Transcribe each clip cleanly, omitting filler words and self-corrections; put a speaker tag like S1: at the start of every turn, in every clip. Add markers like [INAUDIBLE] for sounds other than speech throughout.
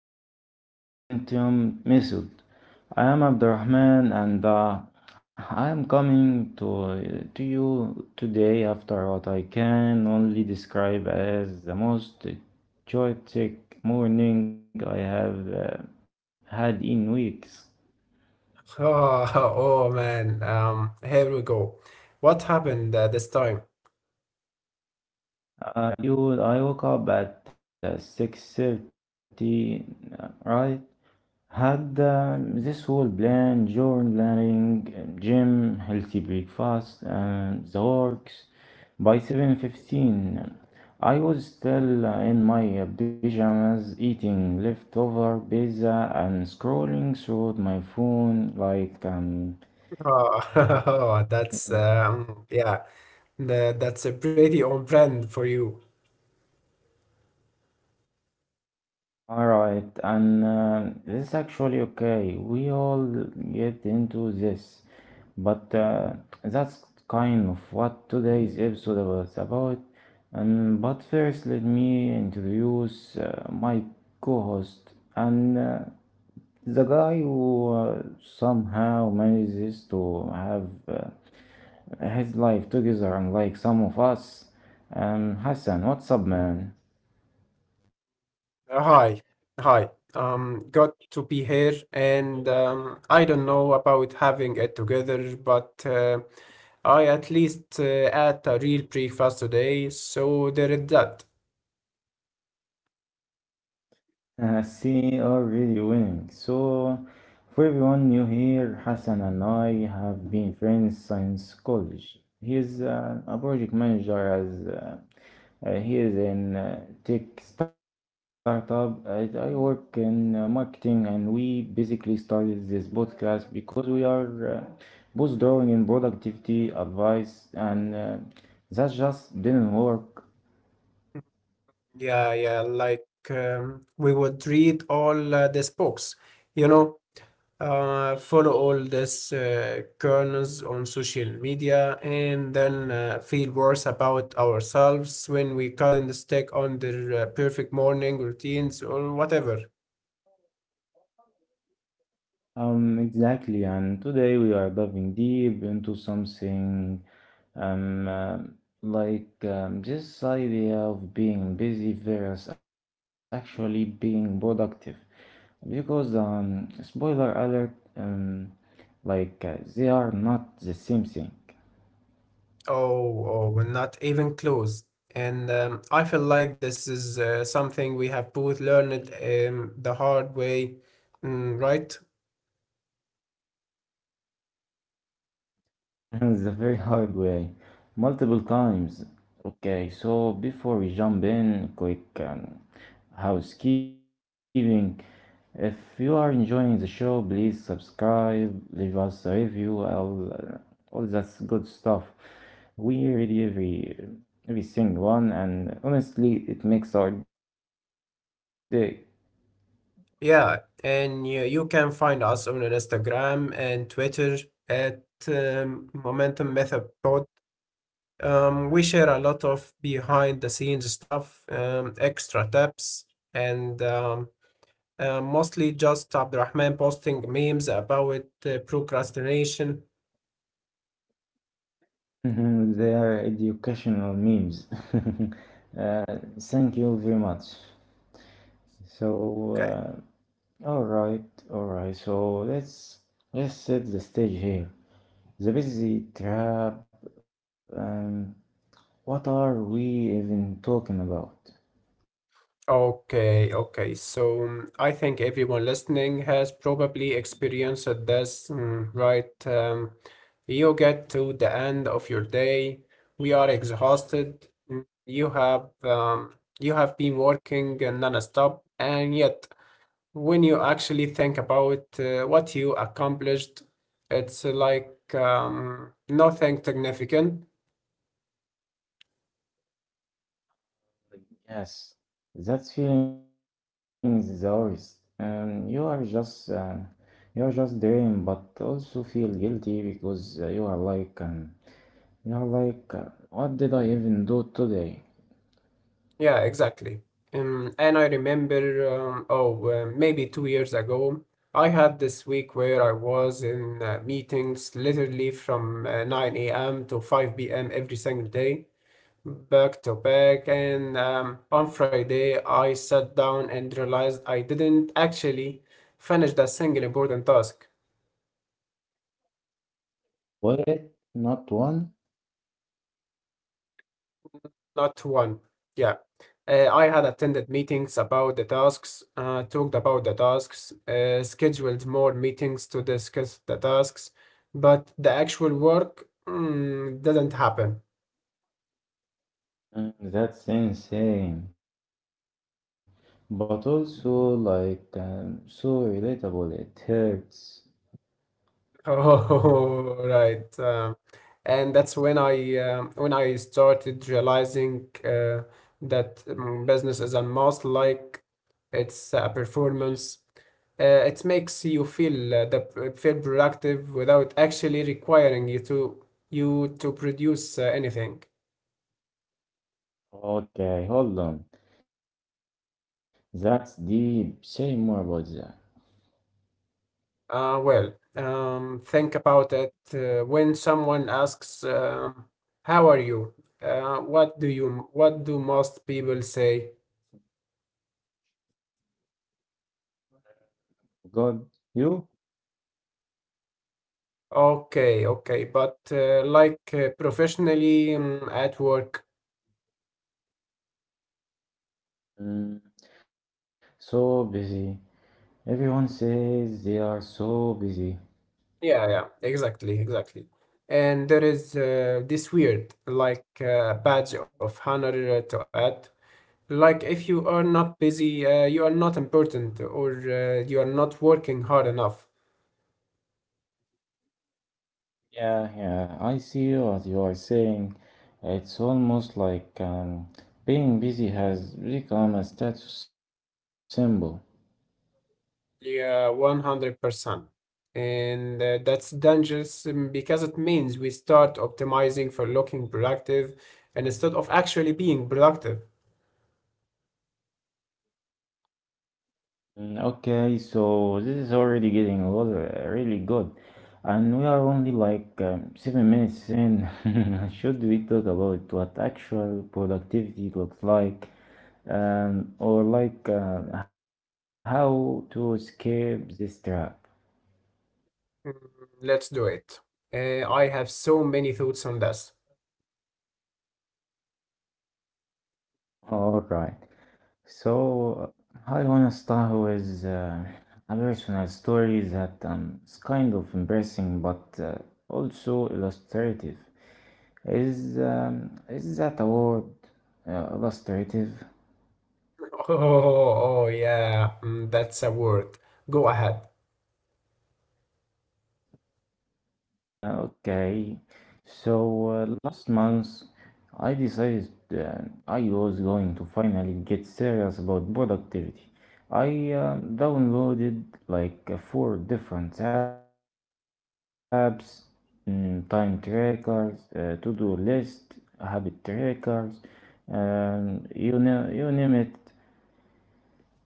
S1: to the Momentum Method. I am Abdurrahman and I am coming to you today after what I can only describe as the most chaotic morning I have had in weeks.
S2: Oh, [LAUGHS] oh man. Here we go. What happened this time?
S1: I woke up at 6:30, right? Had this whole plan: journaling, gym, healthy breakfast, and the works. By 7:15, I was still in my pajamas, eating leftover pizza and scrolling through my phone like...
S2: Oh, [LAUGHS] that's a pretty on brand for you.
S1: All right, and this is actually okay. We all get into this, but that's kind of what today's episode was about. And but first, let me introduce my co-host and the guy who somehow manages to have his life together, unlike some of us. Hassan, what's up, man?
S2: Uh, hi, hi. Got to be here, and I don't know about having it together, but I at least ate a real breakfast today, so there is that.
S1: I see already winning. So, for everyone new here, Hassan and I have been friends since college. He is a project manager as he is in tech startup. I work in marketing, and we basically started this podcast because we are both drawing in productivity advice, and that just didn't work.
S2: Yeah, yeah. Like we would read all these books, you know. Follow all these kernels on social media and then feel worse about ourselves when we couldn't stick on their perfect morning routines or whatever.
S1: Exactly, and today we are diving deep into something um, uh, this idea of being busy versus actually being productive. Because, spoiler alert, they are not the same thing.
S2: Oh, we're not even close. And I feel like this is something we have both learned the hard way, mm, right?
S1: [LAUGHS] It's a very hard way, multiple times. Okay, so before we jump in, quick housekeeping. If you are enjoying the show, please subscribe, leave us a review, all that good stuff. We read every single one, and honestly, it makes our day.
S2: Yeah, and you can find us on Instagram and Twitter at Momentum Method Pod. We share a lot of behind the scenes stuff, extra tips, and mostly just Abdurrahman posting memes about procrastination.
S1: [LAUGHS] They are educational memes. [LAUGHS] Uh, Thank you very much.
S2: Okay.
S1: So, uh, all right, all right. So let's set the stage here. The busy trap. Um, what are we even talking about?
S2: Okay, okay. So I think everyone listening has probably experienced this, mm, right? You get to the end of your day, we are exhausted. Mm. You have been working non-stop, and yet when you actually think about what you accomplished, it's like nothing significant.
S1: Yes, that feeling is ours. You are just you are just dream, but also feel guilty because you are you are like, what did I even do today?
S2: Yeah, exactly. And I remember, maybe 2 years ago, I had this week where I was in meetings literally from 9 a.m. to 5 p.m. every single day, back to back. And on Friday, I sat down and realized I didn't actually finish the single important task,
S1: Was it not one?
S2: not one. Yeah. I had attended meetings about the tasks, talked about the tasks, scheduled more meetings to discuss the tasks, but the actual work mm, didn't happen.
S1: That's insane, but also so relatable. It hurts.
S2: Oh, [LAUGHS] right. And that's when I when I started realizing that business is a must, like it's a performance. It makes you feel feel productive without actually requiring you to produce anything.
S1: Okay, hold on. That's deep. Say more about that.
S2: Well, think about it. When someone asks, "How are you?" What do you what do most people say?
S1: God, you?
S2: Okay, okay. But professionally at work.
S1: Mm, so busy. Everyone says they are so busy.
S2: Yeah, yeah, exactly, exactly. And there is this weird like badge of honor to add. Like if you are not busy, you are not important or you are not working hard enough.
S1: Yeah, yeah. I see what you are saying. It's almost like being busy has become a status symbol.
S2: Yeah, 100%. And that's dangerous because it means we start optimizing for looking productive and instead of actually being productive.
S1: Mm. Okay, so this is already getting a lot, really good, and we are only like 7 minutes in. [LAUGHS] Should we talk about what actual productivity looks like, or how to escape this trap?
S2: Mm, let's do it. I have so many thoughts on this.
S1: All right, so I wanna start with a personal story that is kind of embarrassing but also illustrative. Is that a word? Illustrative.
S2: Oh, yeah, mm, that's a word. Go ahead.
S1: Okay. Last month, I decided uh, I was going to finally get serious about productivity. I downloaded four different apps, time trackers, to-do list, habit trackers, you know, you name it.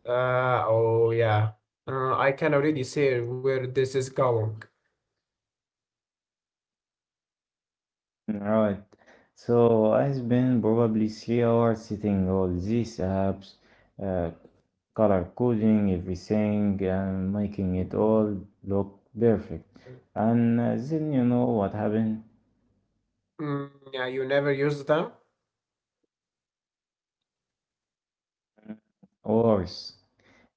S2: Oh yeah. I can already see where this is going.
S1: Right. So I spend probably 3 hours sitting all these apps, uh, color coding everything and making it all look perfect. And then you know what happened?
S2: Mm, yeah, you never used them?
S1: Worse.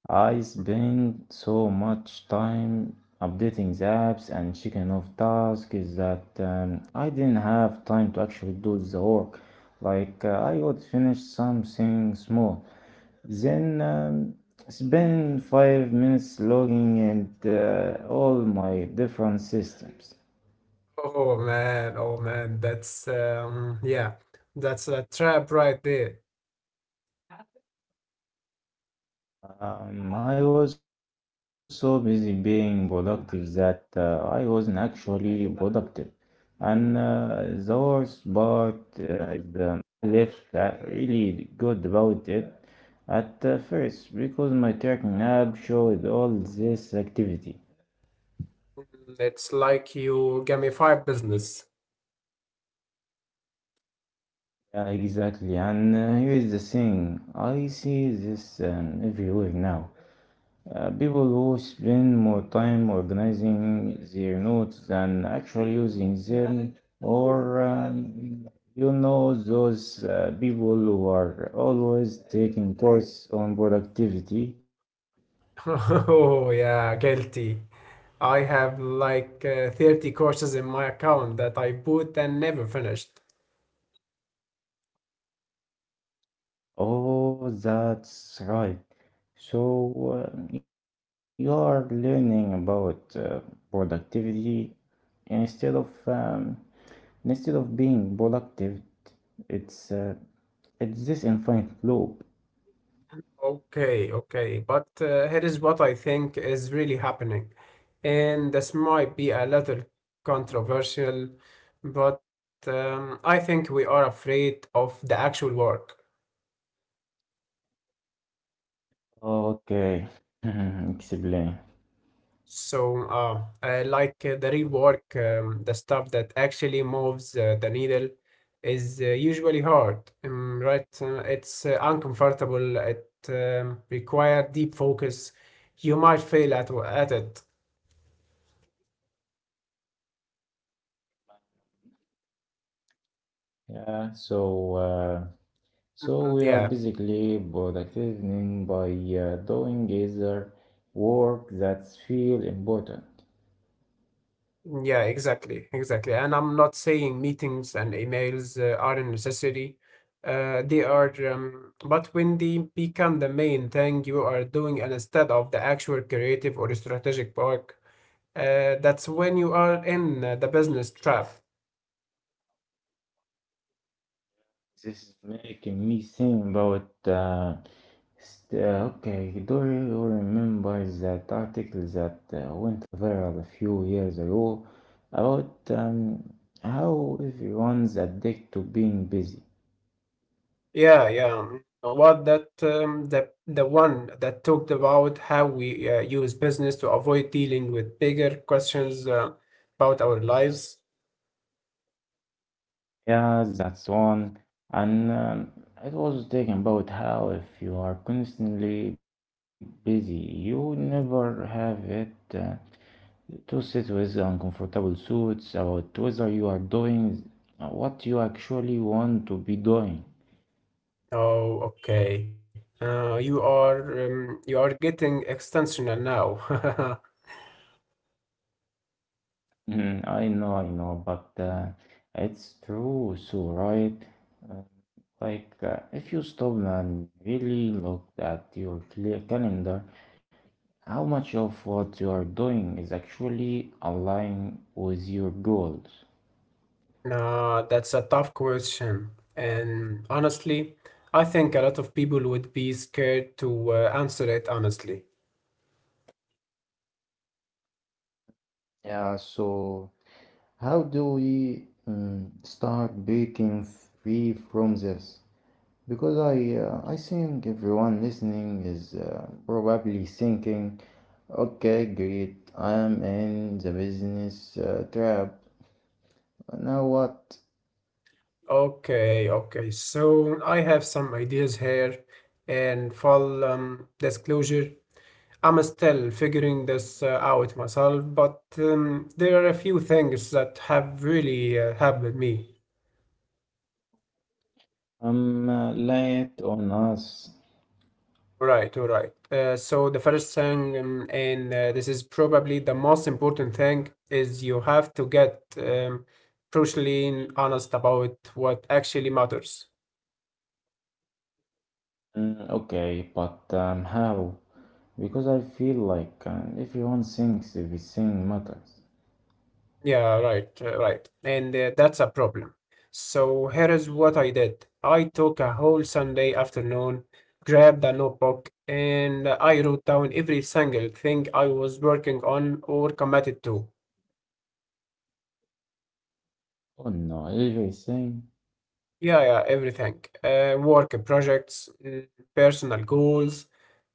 S1: I spend so much time updating the apps and checking off tasks that I didn't have time to actually do the work. I would finish something small. Then spend 5 minutes logging in all my different systems.
S2: Oh man, that's yeah, that's a trap right there.
S1: I was so busy being productive that I wasn't actually productive. And the worst part is I left really good about it at first because my tracking app showed all this activity.
S2: Mm, it's like you gamify business.
S1: Yeah, exactly. And here is the thing, I see this everywhere now. People who spend more time organizing their notes than actually using them, or you know, those people who are always taking course on productivity.
S2: [LAUGHS] Oh, yeah, guilty. I have like 30 courses in my account that I bought and never finished.
S1: Oh, that's right. So you are learning about productivity instead of um, instead of being productive, it's uh, it's this infinite loop.
S2: Okay, okay, but here is what I think is really happening. And this might be a little controversial, but I think we are afraid of the actual work.
S1: Okay, [LAUGHS] explain.
S2: So, the real work, the stuff that actually moves the needle is usually hard, right? It's uncomfortable. It require deep focus. You might fail at it.
S1: Yeah, so
S2: Mm,
S1: we are
S2: yeah.
S1: basically productive by doing other work that feel important.
S2: Yeah, exactly, exactly. And I'm not saying meetings and emails are a necessity. They are, but when they become the main thing you are doing and instead of the actual creative or strategic work, that's when you are in the business trap.
S1: This is making me think about okay, do you remember that article that went viral a few years ago about how everyone's addicted to being busy?
S2: Yeah, yeah. What that the one that talked about how we use business to avoid dealing with bigger questions about our lives.
S1: Yeah, that's one. And it was talking about how if you are constantly busy, you never have it. To sit with uncomfortable thoughts about whether you are doing what you actually want to be doing.
S2: Oh, okay. You are getting extensional now. [LAUGHS]
S1: Mhm, I know, but it's true, so right? Like, if you stop and really look at your clear calendar, how much of what you are doing is actually aligned with your goals?
S2: Nah, that's a tough question. And honestly, I think a lot of people would be scared to answer it honestly.
S1: Yeah, so how do we start breaking free from this? Because I think everyone listening is probably thinking, okay, great, I'm in the business trap. Now what?
S2: Okay, okay. So I have some ideas here, and full disclosure, I'm still figuring this out myself, but there are a few things that have really helped me.
S1: I'm late on us.
S2: Right, all right. So the first thing, and this is probably the most important thing, is you have to get brutally honest about what actually matters.
S1: Okay, but how? Because I feel like everyone thinks everything matters.
S2: Yeah, right, right. And that's a problem. So here is what I did. I took a whole Sunday afternoon, grabbed a notebook, and I wrote down every single thing I was working on or committed to.
S1: Oh no, everything.
S2: Yeah, yeah, everything. Work projects, mm, personal goals,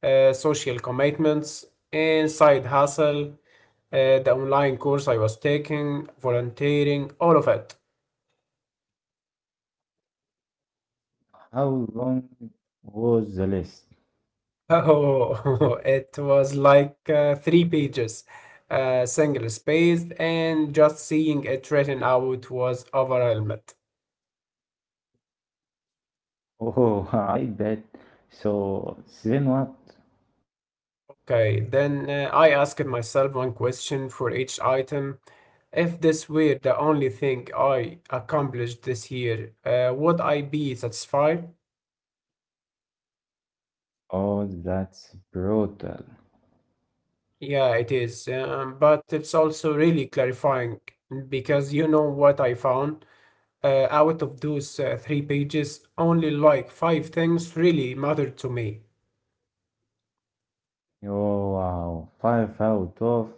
S2: social commitments, and side hustle, the online course I was taking, volunteering, all of it.
S1: How long was the list?
S2: Oh, [LAUGHS] it was like three pages, single spaced, and just seeing it written out was overwhelmed.
S1: Oh, [LAUGHS] I bet. So then what?
S2: Okay, then I asked myself one question for each item. If this were the only thing I accomplished this year, would I be satisfied?
S1: Oh, that's brutal.
S2: Yeah, it is. But it's also really clarifying because you know what I found? Out of those three pages, only like five things really mattered to me.
S1: You are five out of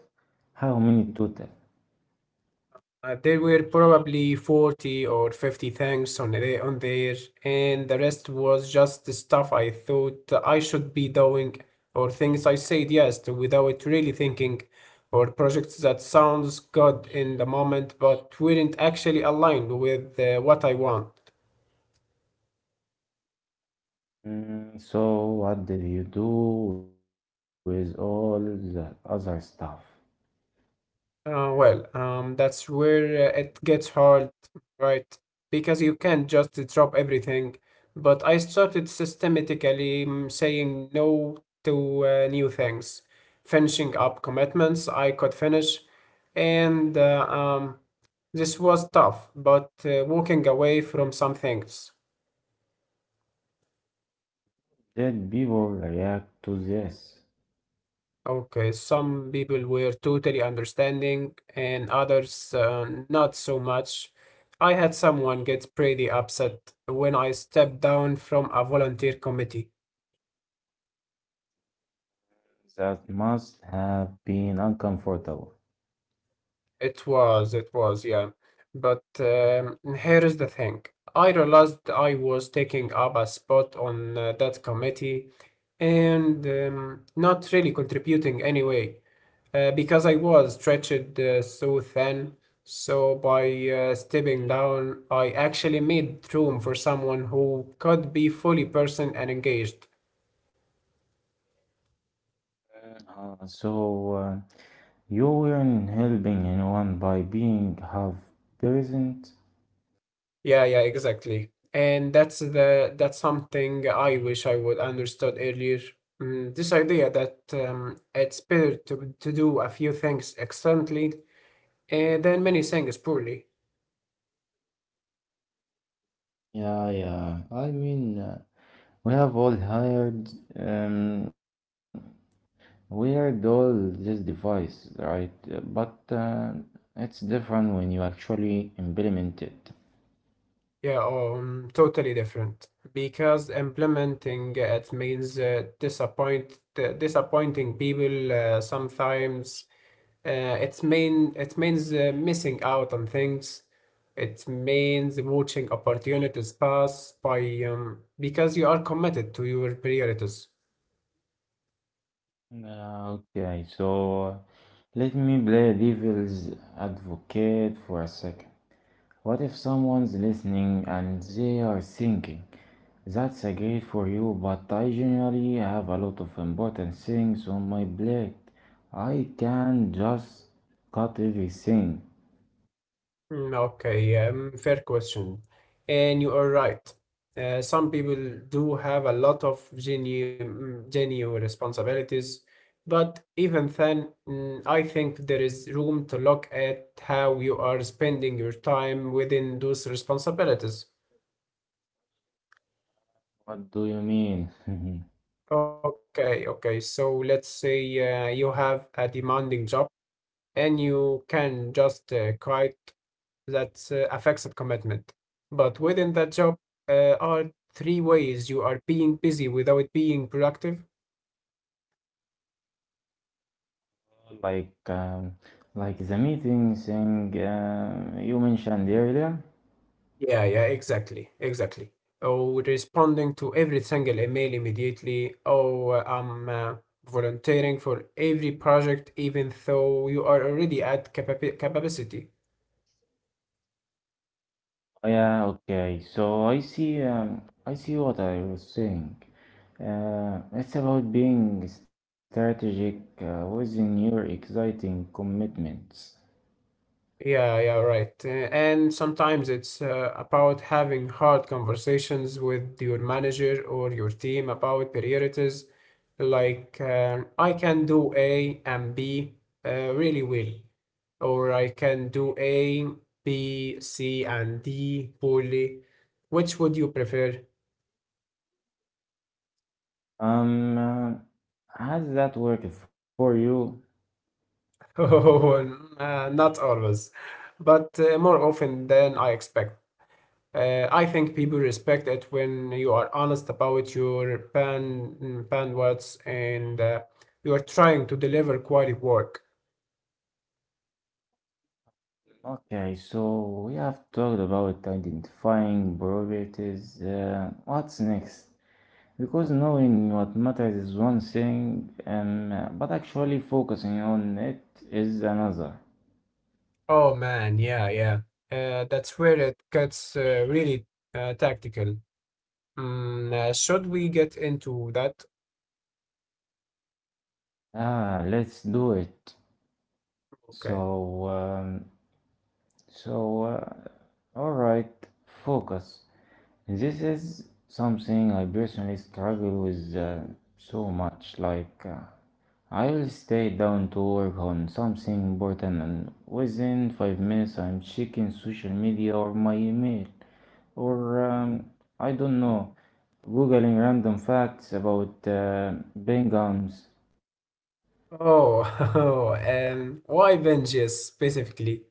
S1: how many total?
S2: There were probably 40 or 50 things on there, and the rest was just the stuff I thought I should be doing or things I said yes to without really thinking, or projects that sounds good in the moment but weren't actually aligned with what I want.
S1: Mm, so what did you do with all the other stuff?
S2: Well, that's where it gets hard, right? Because you can't just drop everything. But I started systematically mm, saying no to new things, finishing up commitments I could finish, and, this was tough, but walking away from some things.
S1: Did people react to this?
S2: Okay, some people were totally understanding and others not so much. I had someone get pretty upset when I stepped down from a volunteer committee.
S1: That must have been uncomfortable.
S2: It was, yeah. But here is the thing. I realized I was taking up a spot on that committee and not really contributing anyway, because I was stretched so thin. So by stepping down, I actually made room for someone who could be fully person and engaged.
S1: So you weren't helping anyone by being half present?
S2: Yeah, yeah, exactly. And that's something I wish I would understood earlier. Mm, this idea that it's better to do a few things excellently than many things poorly.
S1: Yeah, yeah. I mean, we have all hired. Um, We had all this device, right? But it's different when you actually implement it.
S2: Yeah, totally different. Because implementing it means disappointing people sometimes. It mean it means missing out on things. It means watching opportunities pass by because you are committed to your priorities.
S1: Okay, so let me play devil's advocate for a second. What if someone's listening and they are thinking, that's a great for you, but I generally have a lot of important things on my plate. I can just cut everything.
S2: Mm, okay, fair question. And you are right. Some people do have a lot of mm, genuine responsibilities, but even then, mm, I think there is room to look at how you are spending your time within those responsibilities.
S1: What do you mean? [LAUGHS]
S2: Okay, okay. So let's say you have a demanding job and you can just quit that affects the commitment. But within that job, are three ways you are being busy without being productive.
S1: like um, like the meeting thing you mentioned earlier.
S2: Yeah, yeah, exactly, exactly. Or responding to every single email immediately. Oh, I'm volunteering for every project, even though you are already at capacity.
S1: Oh, yeah, okay. So I see what I was saying. It's about being strategic within your exciting commitments.
S2: Yeah, yeah, right. And sometimes it's about having hard conversations with your manager or your team about priorities. Like, I can do A and B really well, or I can do A, B, C, and D poorly. Which would you prefer? [LAUGHS]
S1: Um, uh, has that worked for you?
S2: Oh, not always, but more often than I expect. I think people respect it when you are honest about your bandwidths and you are trying to deliver quality work.
S1: Okay, so we have talked about identifying priorities. What's next? Because knowing what matters is one thing, but actually focusing on it is another.
S2: Oh man, yeah, yeah. That's where it gets really tactical. Should we get into that?
S1: Ah, let's do it.
S2: Okay.
S1: So, um, so, uh, all right, Focus. This is something I personally struggle with so much. I will stay down to work on something important, and within 5 minutes, I'm checking social media or my email. Or I don't know, googling random facts about penguins.
S2: Oh, [LAUGHS] why Vengeance specifically?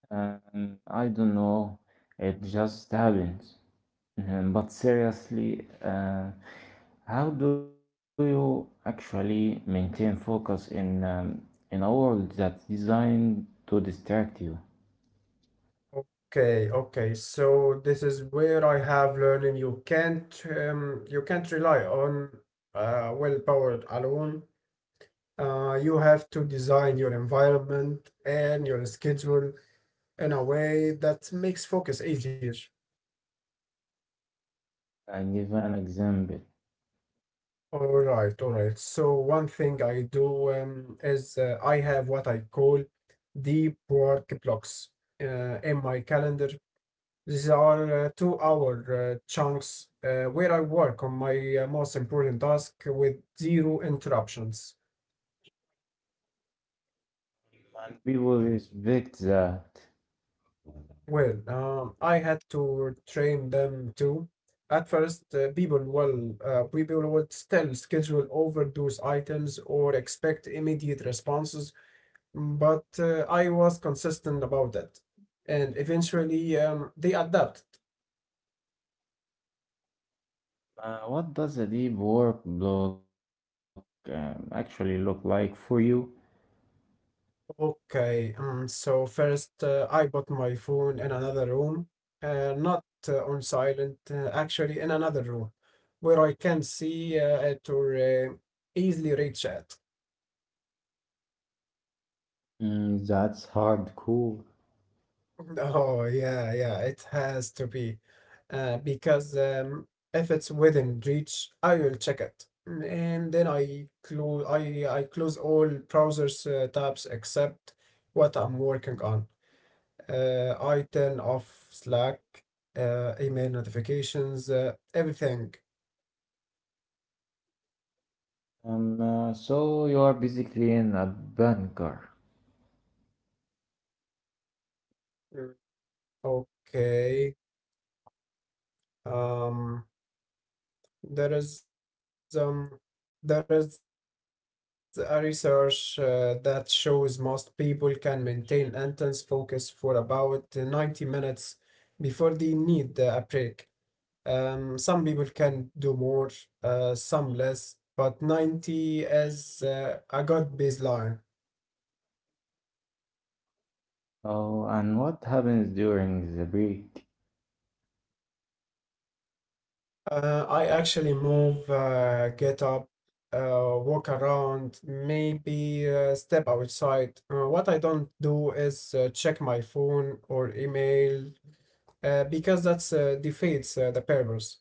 S1: I don't know, it just happens. But seriously, how do you actually maintain focus in in a world that's designed to distract you?
S2: Okay, okay. So this is where I have learning you can't rely on willpower alone. You have to design your environment and your schedule in a way that makes focus easier.
S1: I give an example.
S2: All right, all right. So one thing I do is I have what I call deep work blocks in my calendar. These are 2-hour chunks where I work on my most important task with zero interruptions.
S1: People respect that.
S2: Well, I had to train them too. At first, people would still schedule overdose items or expect immediate responses, but I was consistent about that, and eventually they adapted.
S1: What does a deep work block actually look like for you?
S2: Okay, so first I got my phone in another room, not on silent, actually in another room where I can see it or easily reach it.
S1: Mm, that's hardcore.
S2: [LAUGHS] Oh, yeah, yeah, it has to be. Because if it's within reach, I will check it. And then I close all browsers tabs except what I'm working on. I turn off Slack, email notifications, everything.
S1: So you are basically in a bunker.
S2: Mm. Okay. Um, there is a research that shows most people can maintain intense focus for about 90 minutes before they need a break. Some people can do more, some less, but 90 is a good baseline.
S1: Oh, and what happens during the break?
S2: I actually move, get up, walk around, maybe step outside. What I don't do is check my phone or email because that's defeats the purpose.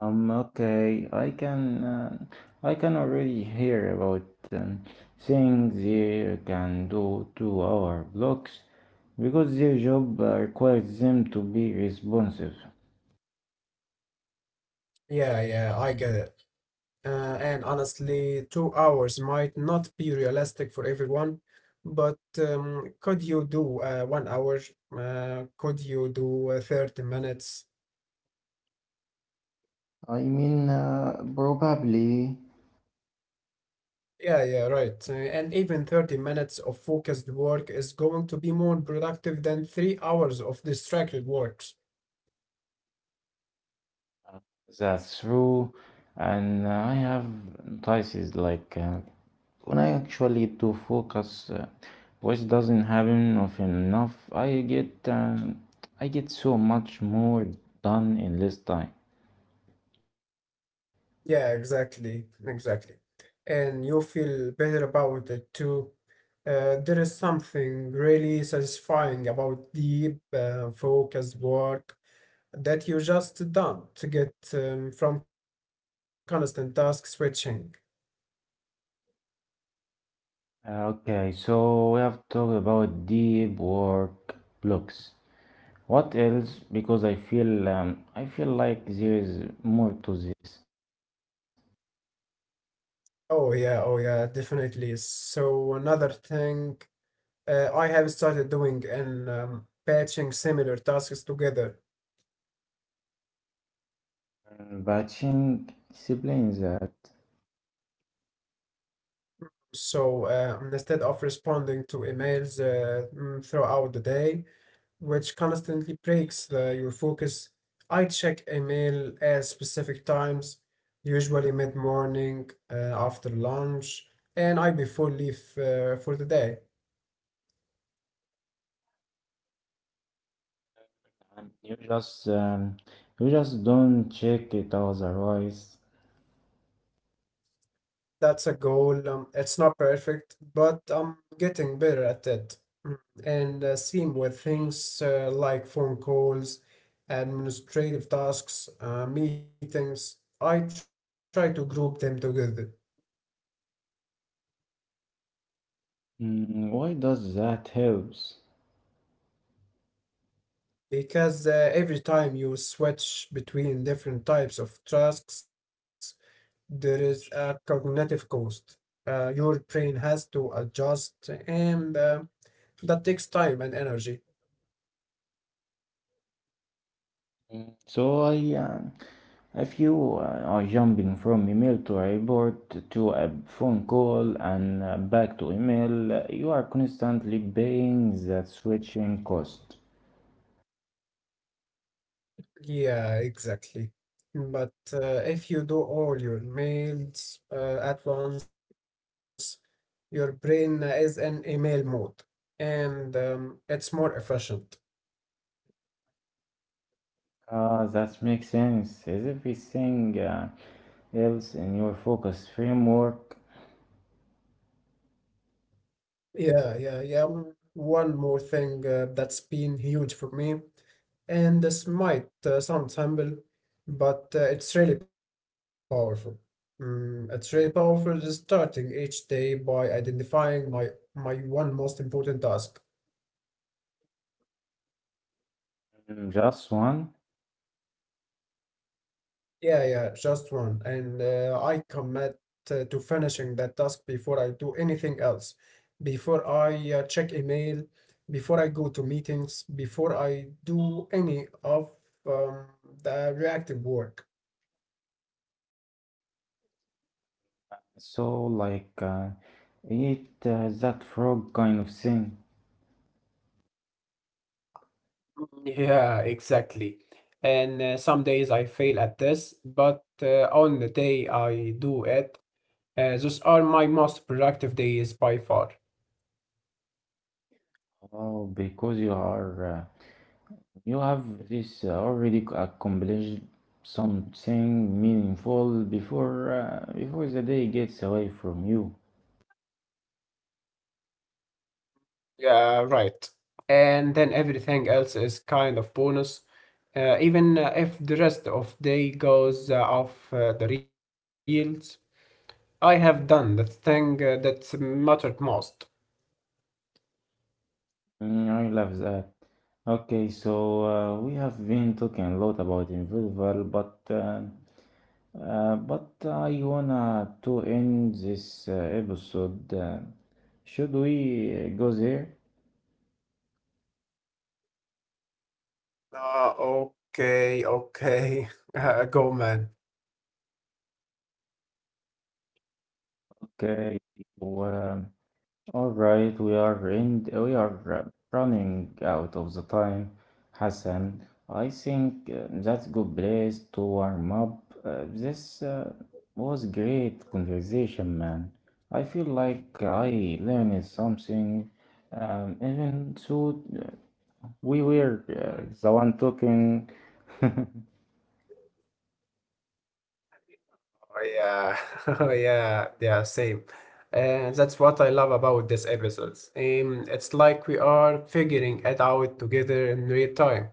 S1: Okay, I can already hear about um, things they can do to our blocks because their job requires them to be responsive.
S2: Yeah, yeah, I get it. Uh, and honestly, 2 hours might not be realistic for everyone, but could you do 1 hour? Could you do 30 minutes?
S1: I mean, probably
S2: Yeah, yeah, right. And even 30 minutes of focused work is going to be more productive than 3 hours of distracted works.
S1: that's true, and I have entices like. When I actually to focus, which doesn't happen often enough, I get so much more done in less time.
S2: Yeah, exactly, exactly. And you feel better about it too. There is something really satisfying about deep, focused work that you just done to get from constant task switching.
S1: Okay, so we have talked about deep work blocks. What else? Because I feel like there is more to this.
S2: Oh yeah, oh yeah, definitely. So another thing I have started doing and patching similar tasks together.
S1: Batching discipline is that
S2: So instead of responding to emails throughout the day, which constantly breaks your focus. I check email at specific times, usually mid morning, after lunch, and I before leave for the day.
S1: um, you just um, you just don't check it otherwise.
S2: That's a goal. It's not perfect, but I'm getting better at it. Mm. And same with things like phone calls, administrative tasks, meetings. I try to group them together.
S1: Mm, why does that helps?
S2: Because every time you switch between different types of tasks, there is a cognitive cost. Your brain has to adjust, and that takes time and energy.
S1: So if you are jumping from email to report to a phone call and back to email, you are constantly paying that switching cost.
S2: Yeah, exactly. But if you do all your mails at once, your brain is in email mode, and it's more efficient.
S1: Ah, that makes sense. Is everything else in your focus framework.
S2: Yeah, yeah, yeah. Mm. One more thing that's been huge for me, and this might sound simple, but it's really powerful. Mm, it's really powerful just starting each day by identifying my one most important task.
S1: Mm, just one?
S2: Yeah, yeah, just one. And I commit to finishing that task before I do anything else, before I check email, before I go to meetings, before I do any of um, the reactive work.
S1: So like it that frog kind of thing.
S2: Yeah, exactly. And some days I fail at this, but on the day I do it, those are my most productive days by far.
S1: Oh, because you are you have this already accomplished something meaningful before before the day gets away from you.
S2: Yeah, right. And then everything else is kind of bonus. Even if the rest of day goes off the reels, I have done the thing that mattered most.
S1: Mm, I love that. Okay, so we have been talking a lot about Invisible, but but I wanna to end this episode. Should we go there?
S2: Okay, okay. [LAUGHS] Go, man.
S1: Okay. So, um, All right, we are running out of the time, Hassan. I think that's good place to warm up. This was great conversation, man. I feel like I learned something, even so we were the one talking.
S2: Oh, yeah. [LAUGHS] Oh, yeah. Yeah, same. And that's what I love about these episodes. It's like we are figuring it out together in real time.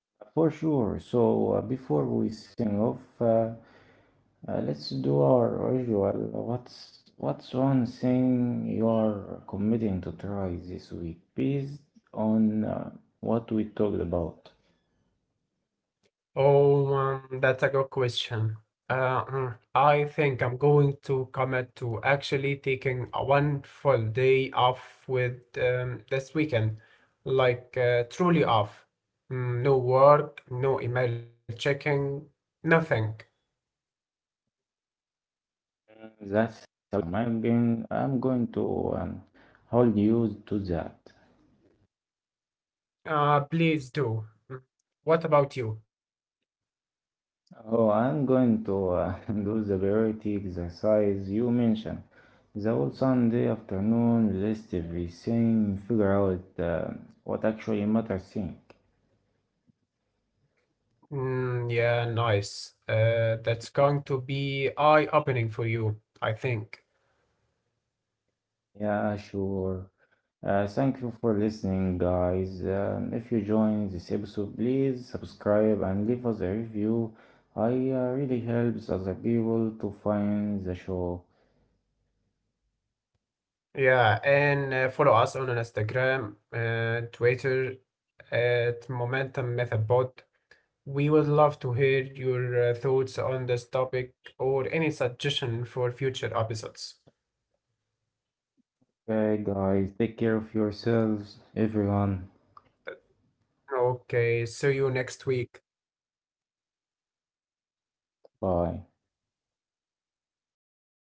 S1: [LAUGHS] For sure. So before we sing off, let's do our usual. What's one thing you're committing to try this week based on what we talked about?
S2: Oh, that's a good question. I think I'm going to commit to actually taking a one full day off with this weekend, like truly off. Mm, no work, no email checking, nothing.
S1: That's I'm going to hold you to that.
S2: Please do. Mm. What about you?
S1: Oh, I'm going to [LAUGHS] do the priority exercise you mentioned. The whole Sunday afternoon, list everything, figure out what actually matters. Think.
S2: Mm, yeah, nice. That's going to be eye-opening for you, I think.
S1: Yeah, sure. Thank you for listening, guys. If you joined this episode, please subscribe and leave us a review. I really helps other people to find the show.
S2: Yeah, and follow us on Instagram and Twitter at Momentum Method Pod. We would love to hear your thoughts on this topic or any suggestion for future episodes.
S1: Okay, guys, take care of yourselves, everyone.
S2: Okay, see you next week.
S1: Bye.
S2: Bye.